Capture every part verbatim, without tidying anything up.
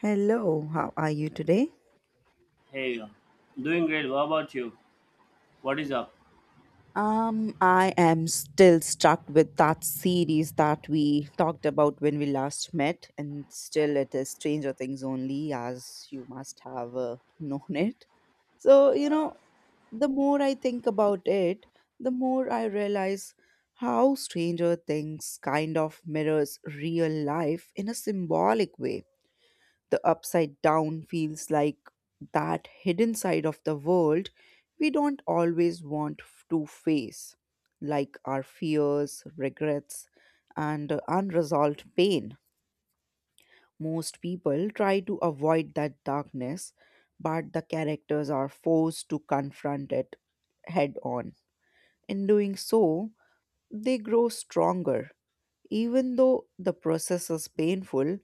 Hello, how are you today? Hey, doing great. What about you? What is up? Um, I am still stuck with that series that we talked about when we last met, and still it is Stranger Things only, as you must have uh, known it. So, you Yeah, know, the more I think about it, the more I realize how Stranger Things kind of mirrors real life in a symbolic way. The upside down feels like that hidden side of the world we don't always want f- to face, like our fears, regrets, and uh, unresolved pain. Most people try to avoid that darkness, but the characters are forced to confront it head on. In doing so, they grow stronger. Even though the process is painful,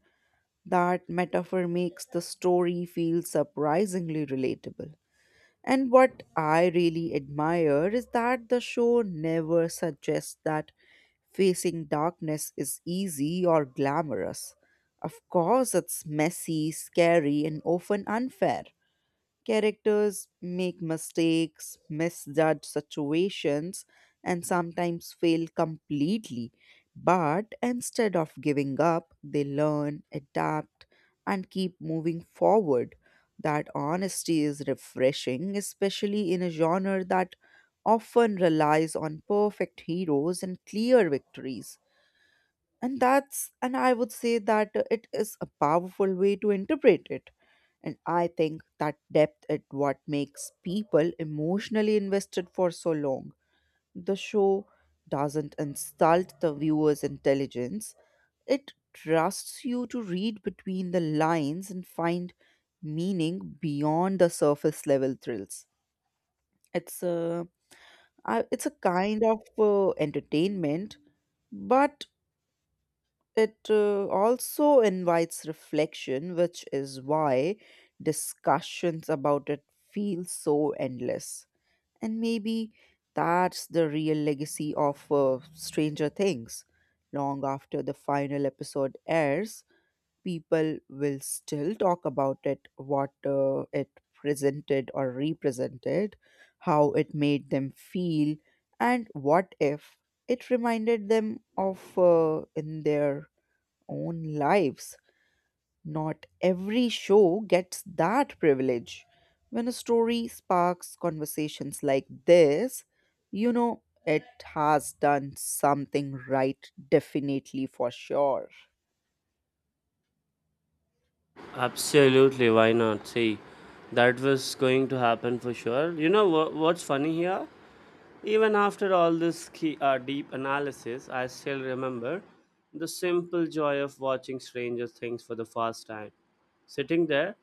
that metaphor makes the story feel surprisingly relatable. And what I really admire is that the show never suggests that facing darkness is easy or glamorous. Of course, it's messy, scary, and often unfair. Characters make mistakes, misjudge situations, and sometimes fail completely. But instead of giving up, they learn, adapt, and keep moving forward. That honesty is refreshing, especially in a genre that often relies on perfect heroes and clear victories, and that's and I would say that uh, it is a powerful way to interpret it. And I think that depth is what makes people emotionally invested for so long. The show doesn't insult the viewer's intelligence. It trusts you to read between the lines and find meaning beyond the surface level thrills. it's a I- it's a kind of uh, entertainment, but it uh, also invites reflection, which is why discussions about it feel so endless. And maybe that's the real legacy of uh, Stranger Things. Long after the final episode airs, people will still talk about it, what uh, it presented or represented, how it made them feel, and what if it reminded them of uh, in their own lives. Not every show gets that privilege. When a story sparks conversations like this, you know it has done something right, definitely for sure. absolutely. Why not? See, that was going to happen for sure. You know what, what's funny here? Even after all this key, uh, deep analysis, I still remember the simple joy of watching Stranger Things for the first time. Sitting there,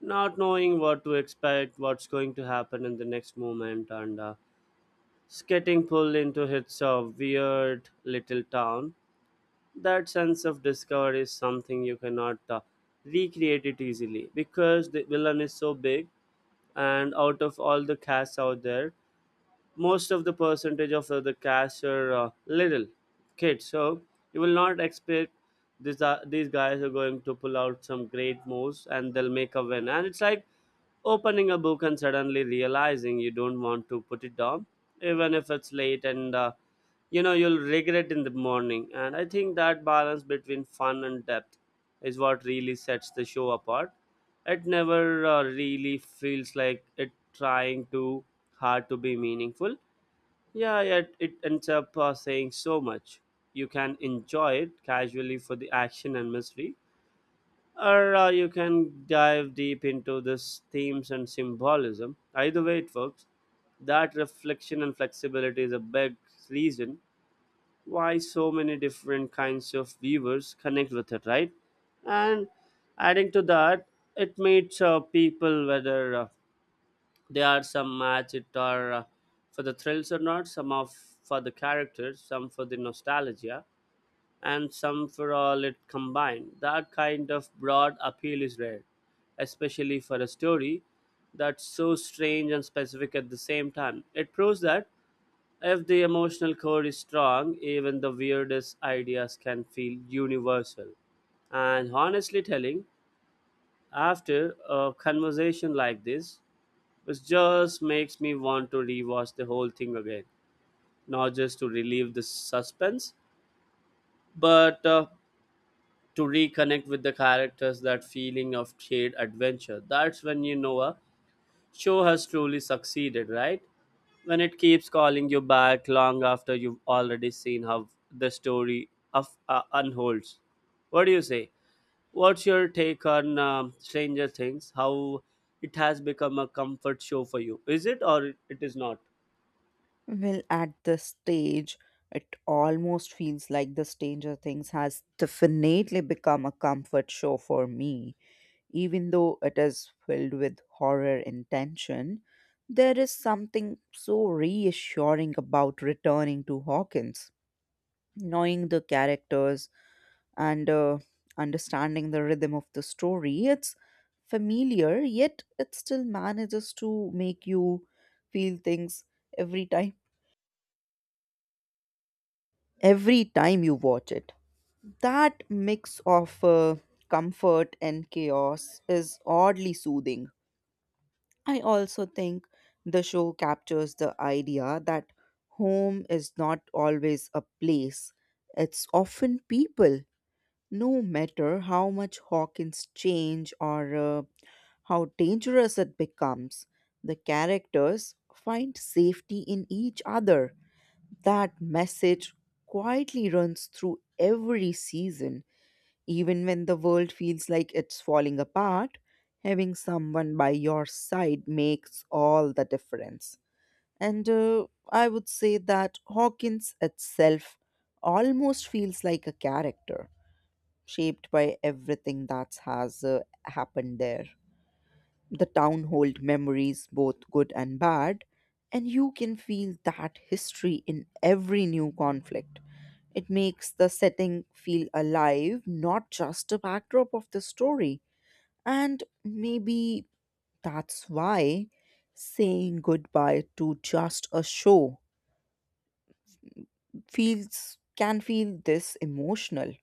not knowing what to expect, what's going to happen in the next moment, and uh, just getting pulled into its uh, weird little town. That sense of discovery is something you cannot uh, recreate it easily, because the villain is so big, and out of all the casts out there, most of the percentage of uh, the cash are uh, little kids. So you will not expect these uh, these guys are going to pull out some great moves and they'll make a win. And it's like opening a book and suddenly realizing you don't want to put it down, even if it's late and uh, you know you'll regret in the morning. And I think that balance between fun and depth is what really sets the show apart. It never uh, really feels like it trying too hard to be meaningful, yeah yet it ends up uh, saying so much. You can enjoy it casually for the action and mystery, or uh, you can dive deep into this themes and symbolism. Either way it works. That reflection and flexibility is a big reason why so many different kinds of viewers connect with it, right? And adding to that, it meets uh, people, whether uh, they are some match it or uh, for the thrills or not, some of for the characters, some for the nostalgia, and some for all it combined. That kind of broad appeal is rare, especially for a story that's so strange and specific at the same time. It proves that if the emotional core is strong, even the weirdest ideas can feel universal. And honestly telling, after a conversation like this, which just makes me want to rewatch the whole thing again, not just to relieve the suspense, but uh, to reconnect with the characters, that feeling of shared adventure. That's when you know a show has truly succeeded, right? When it keeps calling you back long after you've already seen how the story of uh, unfolds. What do you say? What's your take on um, Stranger Things? How it has become a comfort show for you, is it or it is not? Well, at this stage, it almost feels like the Stranger Things has definitely become a comfort show for me. Even though it is filled with horror and tension, there is something so reassuring about returning to Hawkins, knowing the characters and uh, understanding the rhythm of the story. It's familiar, yet it still manages to make you feel things every time. Every time you watch it, that mix of uh, comfort and chaos is oddly soothing. I also think the show captures the idea that home is not always a place, it's often people, no matter how much Hawkins change or uh, how dangerous it becomes. The characters find safety in each other. That message quietly runs through every season. Even when the world feels like it's falling apart, having someone by your side makes all the difference. And uh, I would say that Hawkins itself almost feels like a character, shaped by everything that has uh, happened there. The town hold memories, both good and bad, and you can feel that history in every new conflict. It makes the setting feel alive, not just a backdrop of the story. And maybe that's why saying goodbye to just a show feels can feel this emotional.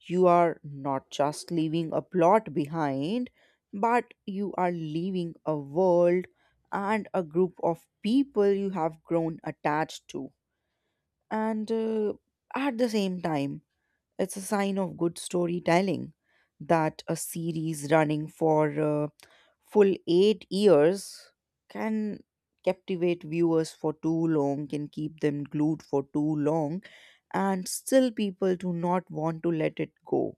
You are not just leaving a plot behind, but you are leaving a world and a group of people you have grown attached to. And uh, at the same time, it's a sign of good storytelling that a series running for uh, full eight years can captivate viewers for too long, can keep them glued for too long, and still people do not want to let it go.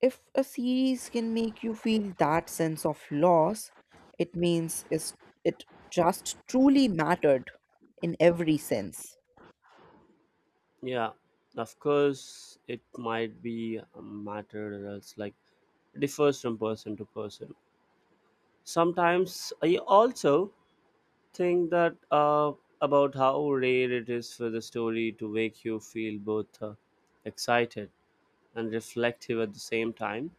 If a series can make you feel that sense of loss, it means it's, it just truly mattered in every sense. Yeah, of course. It might be a matter that's like differs from person to person. Sometimes I also think that uh, about how rare it is for the story to make you feel both uh, excited and reflective at the same time,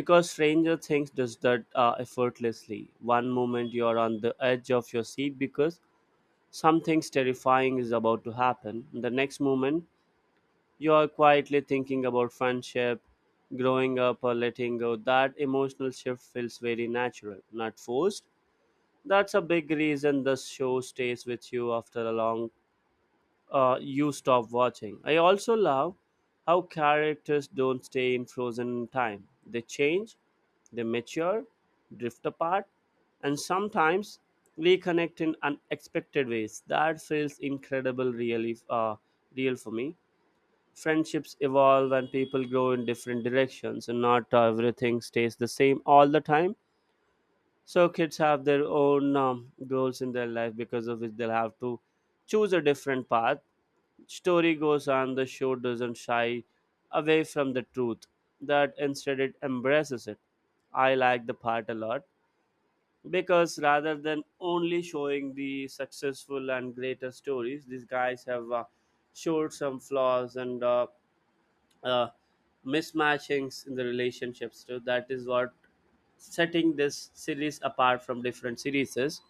because Stranger Things does that uh, effortlessly. One moment you're on the edge of your seat because something terrifying is about to happen, the next moment you are quietly thinking about friendship, growing up or letting go. That emotional shift feels very natural, not forced. That's a big reason the show stays with you after a long uh, you stop watching. I also love how characters don't stay in frozen time. They change, they mature, drift apart, and sometimes reconnect in unexpected ways. That feels incredible, really, uh, real for me. Friendships evolve and people grow in different directions, and not everything stays the same all the time. So kids have their own um, goals in their life, because of which they'll have to choose a different path. Story goes on. The show doesn't shy away from the truth, that instead it embraces it. I like the part a lot, because rather than only showing the successful and greater stories, these guys have uh, showed some flaws and uh, uh, mismatchings in the relationships too. That is what setting this series apart from different series is,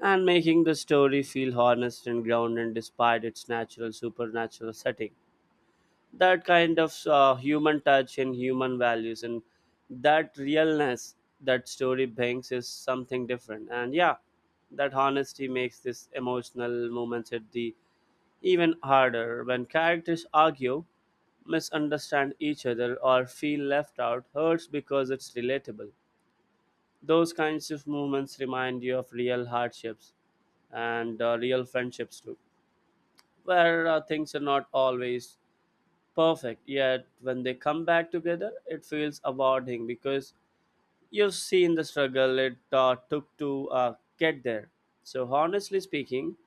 and making the story feel honest and grounded despite its natural supernatural setting. That kind of uh, human touch and human values and that realness that story brings is something different. And yeah, that honesty makes this emotional moments at the even harder, when characters argue, misunderstand each other, or feel left out, hurts because it's relatable. Those kinds of moments remind you of real hardships and uh, real friendships too, where uh, things are not always perfect. Yet when they come back together, it feels awarding because you've seen the struggle it uh, took to uh, get there. So honestly speaking,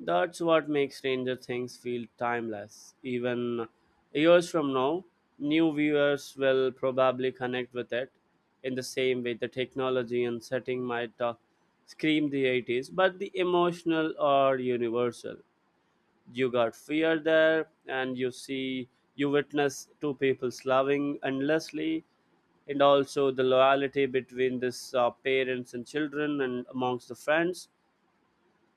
that's what makes Stranger Things feel timeless. Even years from now, new viewers will probably connect with it in the same way. The technology and setting might uh, scream the eighties, but the emotional are universal. You got fear there, and you see, you witness two people's loving endlessly, and also the loyalty between this uh, parents and children and amongst the friends,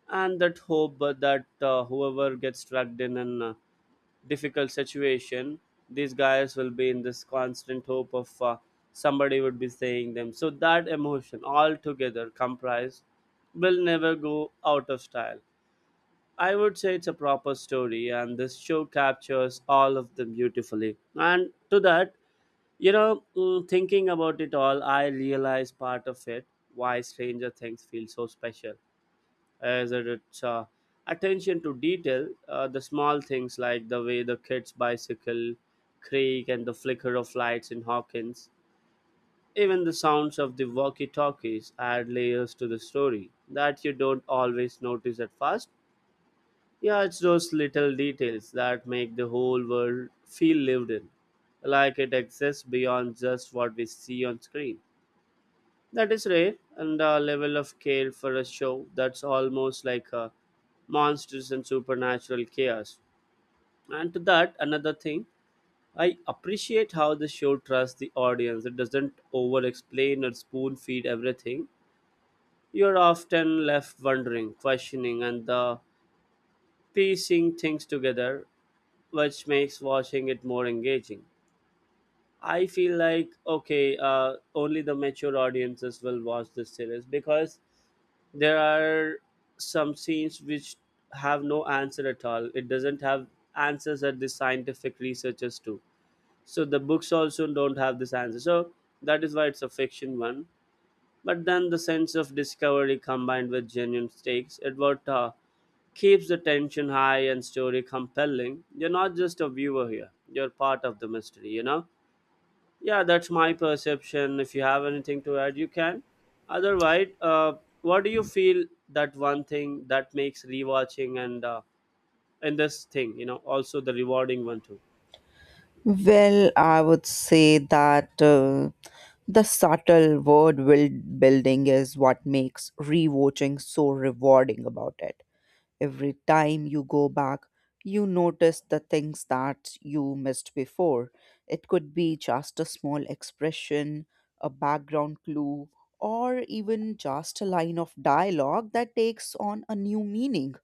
and that hope uh, that uh, whoever gets stuck in a uh, difficult situation, these guys will be in this constant hope of uh, somebody would be saying them. So that emotion all together comprised will never go out of style. I would say it's a proper story, and this show captures all of them beautifully. And to that, you know, mm, thinking about it all, I realize part of it why Stranger Things feels so special as that its uh, attention to detail, uh, the small things like the way the kids' bicycle creak and the flicker of lights in Hawkins, even the sounds of the walkie talkies add layers to the story that you don't always notice at first. Yeah, it's those little details that make the whole world feel lived in, like it exists beyond just what we see on screen. That is rare and a level of care for a show that's almost like a monsters and supernatural chaos. And to that, another thing, I appreciate how the show trusts the audience. It doesn't over explain or spoon feed everything. You're often left wondering, questioning, and the piecing things together, which makes watching it more engaging. I feel like, okay, uh, only the mature audiences will watch this series, because there are some scenes which have no answer at all. It doesn't have answers that the scientific researchers do. So the books also don't have this answer, so that is why it's a fiction one. But then the sense of discovery combined with genuine stakes it what uh, keeps the tension high and story compelling. You're not just a viewer here, you're part of the mystery, you know? Yeah, that's my perception. If you have anything to add, you can. Otherwise, uh, what do you feel that one thing that makes rewatching and uh, and this thing, you know, also the rewarding one too? Well, I would say that uh, the subtle world build- building is what makes rewatching so rewarding about it. Every time you go back, you notice the things that you missed before. It could be just a small expression, a background clue, or even just a line of dialogue that takes on a new meaning.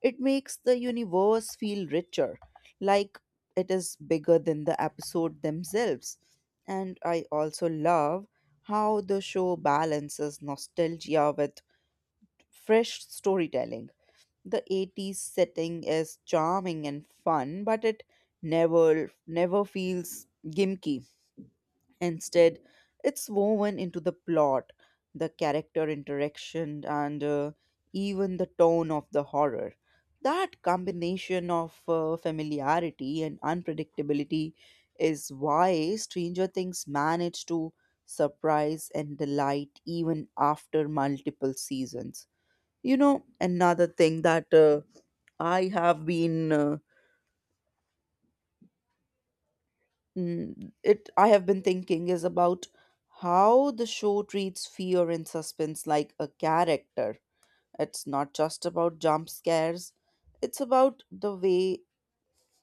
It makes the universe feel richer, like it is bigger than the episode themselves. And I also love how the show balances nostalgia with fresh storytelling. The eighties setting is charming and fun, but it never never feels gimmicky. Instead, it's woven into the plot, the character interaction, and uh, even the tone of the horror. That combination of uh, familiarity and unpredictability is why Stranger Things managed to surprise and delight even after multiple seasons. You know, another thing that uh, I have been uh, mm, it I have been thinking is about how the show treats fear and suspense like a character. It's not just about jump scares. It's about the way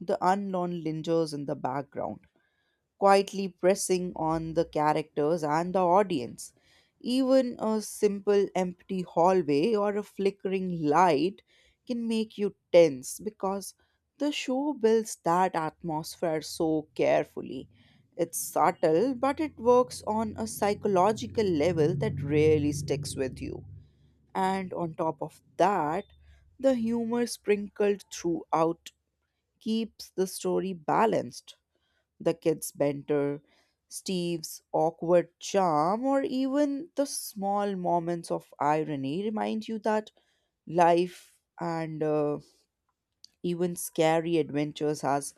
the unknown lingers in the background quietly pressing on the characters and the audience. Even a simple empty hallway or a flickering light can make you tense because the show builds that atmosphere so carefully. It's subtle, but it works on a psychological level that really sticks with you. And on top of that, the humor sprinkled throughout keeps the story balanced. The kids' banter, Steve's awkward charm, or even the small moments of irony remind you that life and uh, even scary adventures has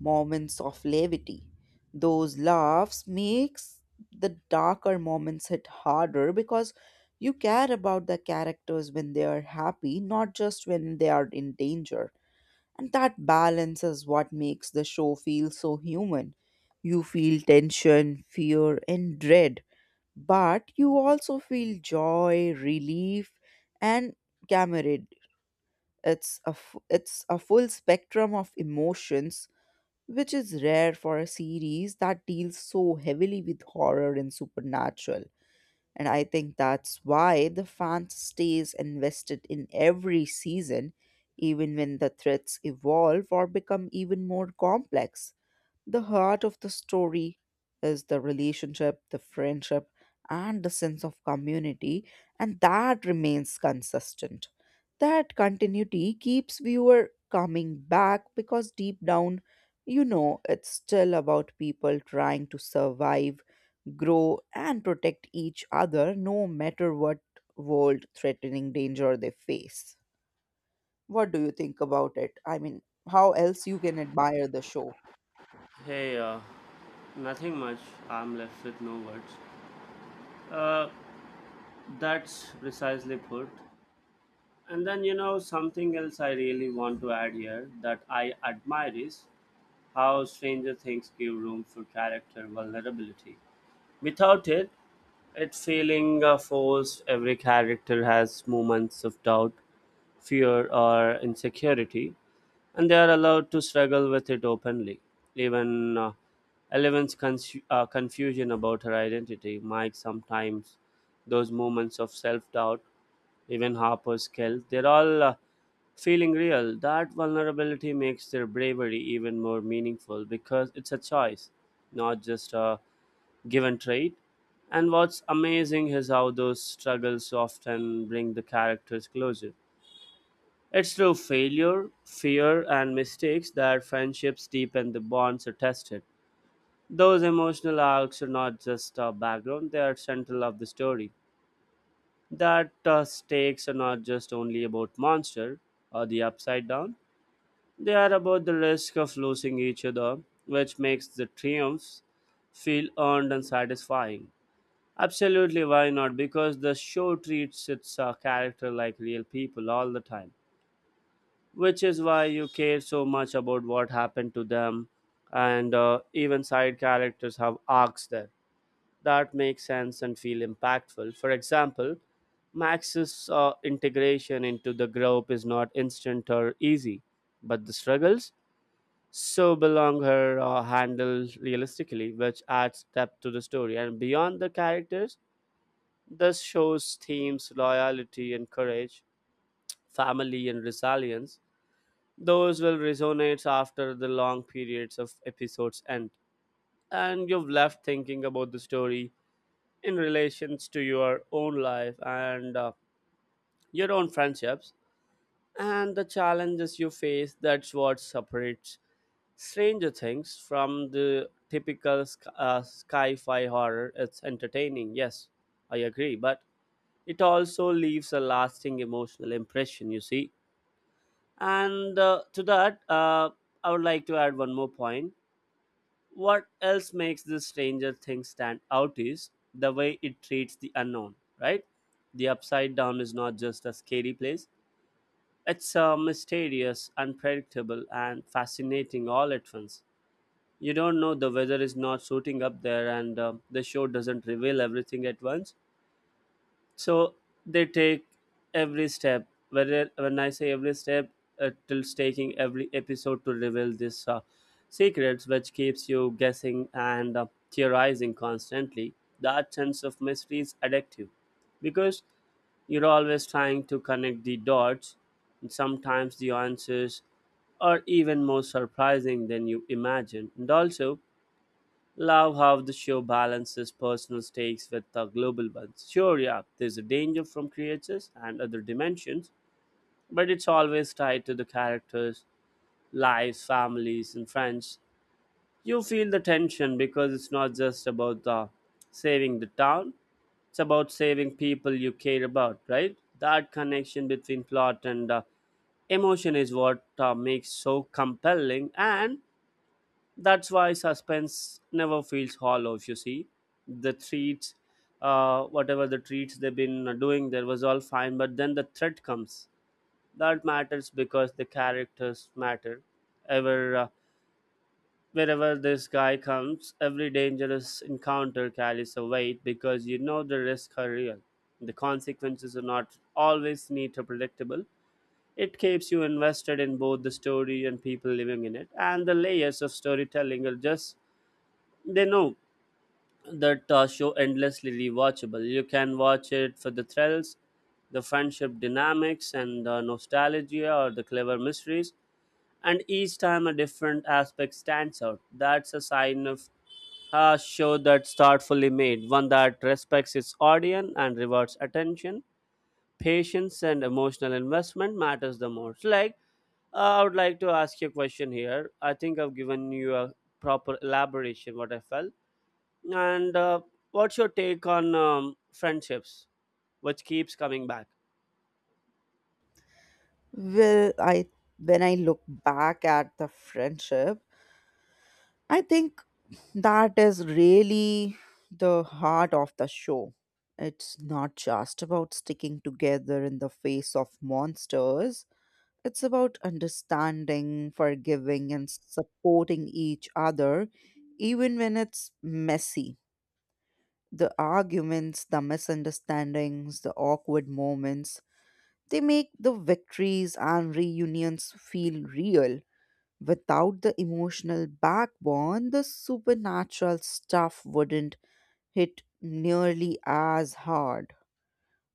moments of levity. Those laughs makes the darker moments hit harder because you care about the characters when they are happy, not just when they are in danger. And that balance is what makes the show feel so human. You feel tension, fear, and dread, but you also feel joy, relief, and camarade. It's a, f- it's a full spectrum of emotions, which is rare for a series that deals so heavily with horror and supernatural. And I think that's why the fan stays invested in every season, even when the threats evolve or become even more complex. The heart of the story is the relationship, the friendship, and the sense of community, and that remains consistent. That continuity keeps viewer coming back because deep down, you know, it's still about people trying to survive, grow, and protect each other no matter what world threatening danger they face. What do you think about it? I mean, how else you can admire the show? Hey, uh, nothing much. I'm left with no words. Uh, that's precisely put. And then, you know, something else I really want to add here that I admire is how Stranger Things give room for character vulnerability. Without it, its feeling uh, forced. Every character has moments of doubt, fear, or insecurity, and they are allowed to struggle with it openly. Even uh, Eleven's cons- uh, confusion about her identity, Mike sometimes, those moments of self doubt, even Harper's guilt, they're all uh, feeling real. That vulnerability makes their bravery even more meaningful because it's a choice, not just a given trait. And what's amazing is how those struggles often bring the characters closer. It's through failure, fear, and mistakes that friendships deepen the bonds are tested. Those emotional arcs are not just a background, they are central of the story. That uh, stakes are not just only about monster or the upside down, they are about the risk of losing each other, which makes the triumphs feel earned and satisfying. Absolutely, why not? Because the show treats its uh, character like real people all the time, which is why you care so much about what happened to them, and uh, even side characters have arcs there that makes sense and feel impactful. For example, Max's uh, integration into the group is not instant or easy, but the struggles so belong her uh, handled realistically, which adds depth to the story. And beyond the characters, this show's themes, loyalty and courage, family and resilience, those will resonate after the long periods of episodes end. And you've left thinking about the story in relations to your own life and uh, your own friendships and the challenges you face. That's what separates Stranger Things from the typical sc- uh, sci fi horror. It's entertaining, yes, I agree, but it also leaves a lasting emotional impression you see, and uh, to that uh, I would like to add one more point. What else makes this stranger thing stand out is the way it treats the unknown, right? The upside down is not just a scary place. It's uh, mysterious, unpredictable, and fascinating all at once. You don't know the weather is not shooting up there, and uh, the show doesn't reveal everything at once. So they take every step. Whether when I say every step, it is taking every episode to reveal this uh, secrets, which keeps you guessing and uh, theorizing constantly. That sense of mystery is addictive, because you're always trying to connect the dots. And sometimes the answers are even more surprising than you imagine. And also, love how the show balances personal stakes with the global ones. Sure, yeah, there's a danger from creatures and other dimensions, but it's always tied to the characters, lives, families, and friends. You feel the tension because it's not just about the saving the town; it's about saving people you care about, right? That connection between plot and uh, emotion is what uh, makes so compelling, and that's why suspense never feels hollow if you see the treats. Uh, whatever the treats they've been doing there was all fine, but then the threat comes. That matters because the characters matter. Ever uh, Wherever this guy comes, every dangerous encounter carries a weight, because you know the risks are real. The consequences are not always neat or predictable. It keeps you invested in both the story and people living in it, and the layers of storytelling are just, they know that uh, show endlessly rewatchable. You can watch it for the thrills, the friendship dynamics, and the nostalgia or the clever mysteries. And each time a different aspect stands out. That's a sign of a show that's thoughtfully made, one that respects its audience and rewards attention, patience, and emotional investment matters the most. Like, uh, I would like to ask you a question here. I think I've given you a proper elaboration what I felt. And uh, what's your take on um, friendships, which keeps coming back? Well, I when I look back at the friendship, I think that is really the heart of the show. It's not just about sticking together in the face of monsters. It's about understanding, forgiving, and supporting each other, even when it's messy. The arguments, the misunderstandings, the awkward moments, they make the victories and reunions feel real. Without the emotional backbone, the supernatural stuff wouldn't hit nearly as hard.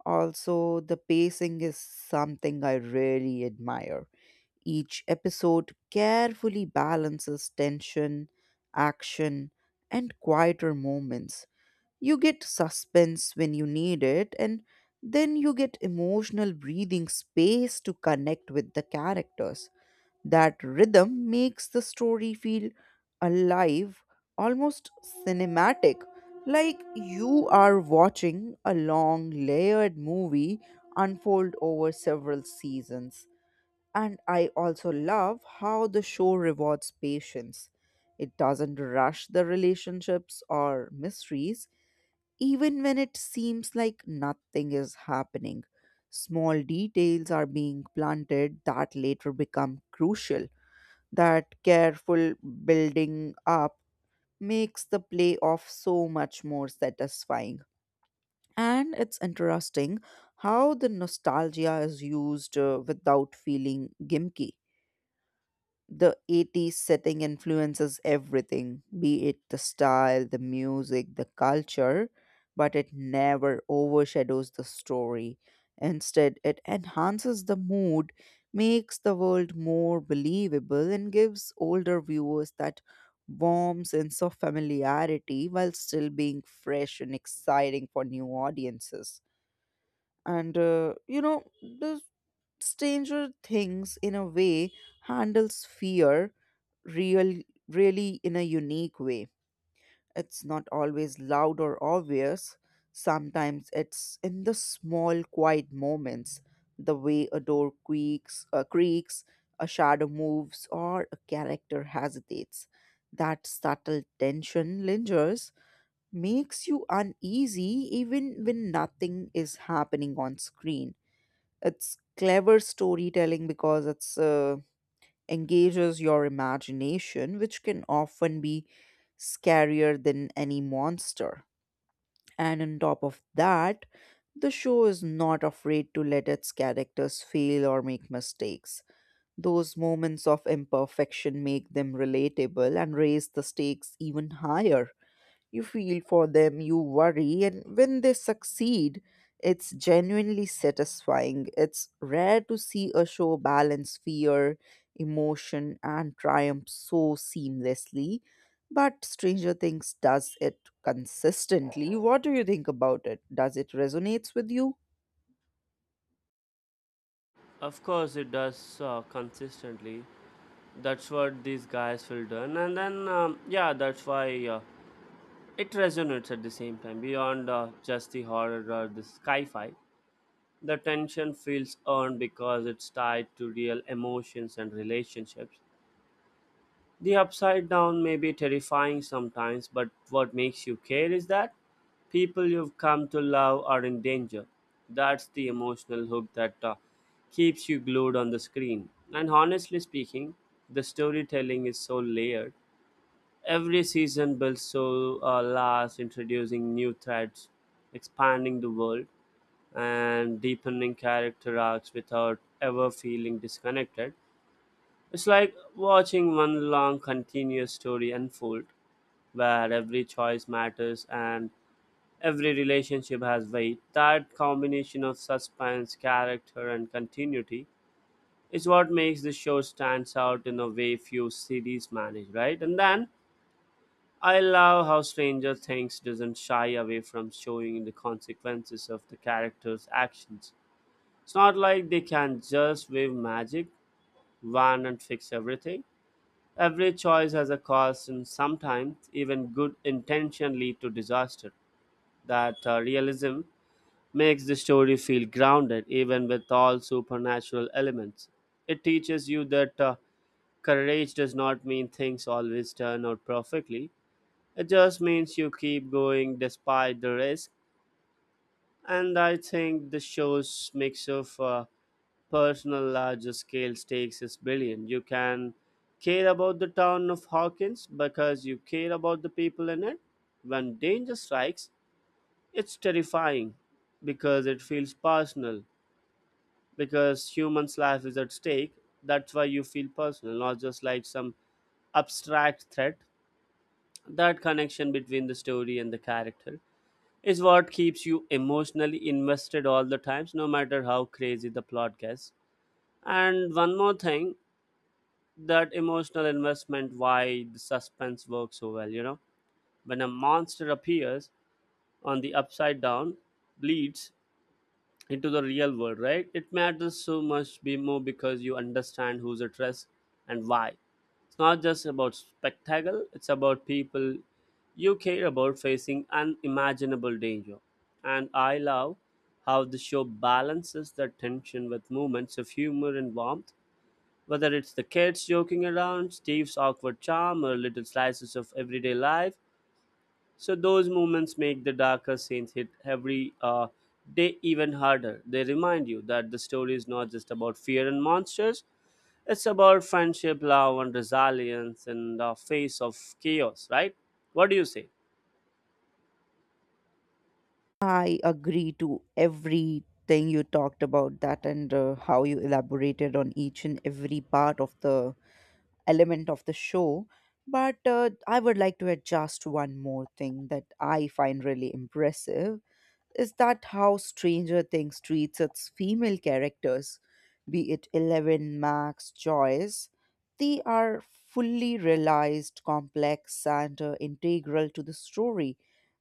Also, the pacing is something I really admire. Each episode carefully balances tension, action, and quieter moments. You get suspense when you need it, and then you get emotional breathing space to connect with the characters. That rhythm makes the story feel alive, almost cinematic, like you are watching a long layered movie unfold over several seasons. And I also love how the show rewards patience. It doesn't rush the relationships or mysteries, even when it seems like nothing is happening. Small details are being planted that later become crucial. That careful building up makes the playoff so much more satisfying. And it's interesting how the nostalgia is used uh, without feeling gimmicky. The eighties setting influences everything, be it the style, the music, the culture, but it never overshadows the story. Instead, it enhances the mood, makes the world more believable, and gives older viewers that warm sense of familiarity while still being fresh and exciting for new audiences. And uh, you know, the Stranger Things, in a way, handles fear real, really in a unique way. It's not always loud or obvious. Sometimes it's in the small, quiet moments, the way a door creaks, uh, creaks, a shadow moves, or a character hesitates. That subtle tension lingers, makes you uneasy even when nothing is happening on screen. It's clever storytelling because it's uh, engages your imagination, which can often be scarier than any monster. And on top of that, the show is not afraid to let its characters fail or make mistakes. Those moments of imperfection make them relatable and raise the stakes even higher. You feel for them, you worry, and when they succeed, it's genuinely satisfying. It's rare to see a show balance fear, emotion, and triumph so seamlessly. But Stranger Things does it consistently. What do you think about it? Does it resonates with you? Of course, it does, uh, consistently. That's what these guys will do, and then um, yeah, that's why uh, it resonates at the same time beyond uh, just the horror or the sci-fi. The tension feels earned because it's tied to real emotions and relationships. The upside down may be terrifying sometimes, but what makes you care is that people you've come to love are in danger. That's the emotional hook that uh, keeps you glued on the screen. And honestly speaking, the storytelling is so layered. Every season builds so uh, last, introducing new threads, expanding the world, and deepening character arcs without ever feeling disconnected. It's like watching one long continuous story unfold where every choice matters and every relationship has weight. That combination of suspense, character, and continuity is what makes the show stands out in a way few series manage, right? And then I love how Stranger Things doesn't shy away from showing the consequences of the characters' actions. It's not like they can just wave magic wand and fix everything. Every choice has a cost, and sometimes even good intention lead to disaster. That uh, realism makes the story feel grounded, even with all supernatural elements. It teaches you that uh, courage does not mean things always turn out perfectly. It just means you keep going despite the risk. And I think the show's mix of uh, personal larger scale stakes is billion. You can care about the town of Hawkins because you care about the people in it. When danger strikes, it's terrifying because it feels personal. Because human's life is at stake, that's why you feel personal, not just like some abstract threat. That connection between the story and the character is what keeps you emotionally invested all the times, no matter how crazy the plot gets. And one more thing, that emotional investment why the suspense works so well, you know, when a monster appears on the upside down bleeds into the real world, right? It matters so much be more because you understand who's at risk and why. It's not just about spectacle, it's about people you care about facing unimaginable danger. And I love how the show balances the tension with moments of humor and warmth, whether it's the kids joking around, Steve's awkward charm, or little slices of everyday life, so those moments make the darker scenes hit every uh, day even harder. They remind you that the story is not just about fear and monsters, it's about friendship, love, and resilience in the face of chaos, right? What do you say? I agree to everything you talked about that and uh, how you elaborated on each and every part of the element of the show. But uh, I would like to adjust one more thing that I find really impressive is that how Stranger Things treats its female characters, be it Eleven, Max, Joyce. They are fully realized, complex, and uh, integral to the story.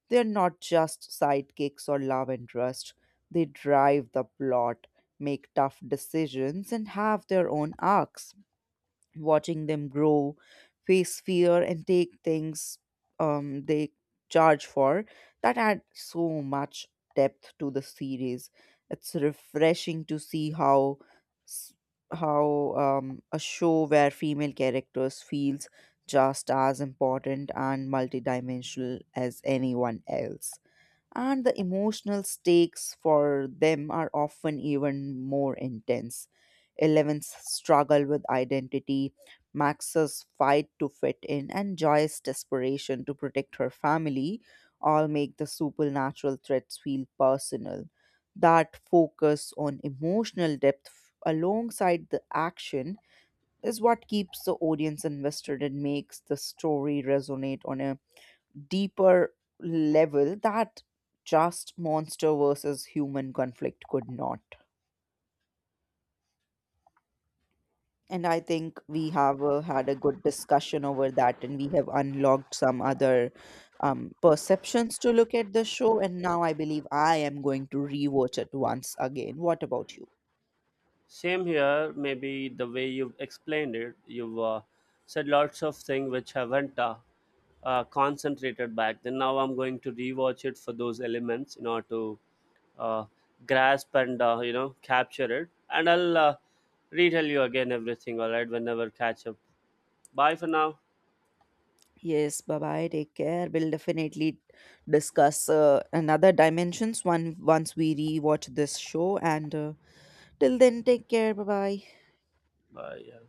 They are not just sidekicks or love interest. They drive the plot, make tough decisions, and have their own arcs watching them grow, face fear, and take things um, they charge for. That adds so much depth to the series. It's refreshing to see how s- how um, a show where female characters feels just as important and multidimensional as anyone else and the emotional stakes for them are often even more intense. Eleven's struggle with identity, Max's fight to fit in, and Joy's desperation to protect her family all make the supernatural threats feel personal. That focus on emotional depth alongside the action is what keeps the audience invested and makes the story resonate on a deeper level that just monster versus human conflict could not. And I think we have uh, had a good discussion over that, and we have unlocked some other um, perceptions to look at the show. And now I believe I am going to rewatch it once again. What about you? Same here. Maybe the way you've explained it, you've uh, said lots of things which haven't uh, uh, concentrated back then. Now I'm going to rewatch it for those elements in order to uh, grasp and uh, you know capture it. And I'll uh, retell you again everything. All right, whenever catch up. Bye for now. Yes, bye bye. Take care. We'll definitely discuss uh, another dimensions one once we rewatch this show. And uh, till then, take care. Bye bye. Bye. Yeah.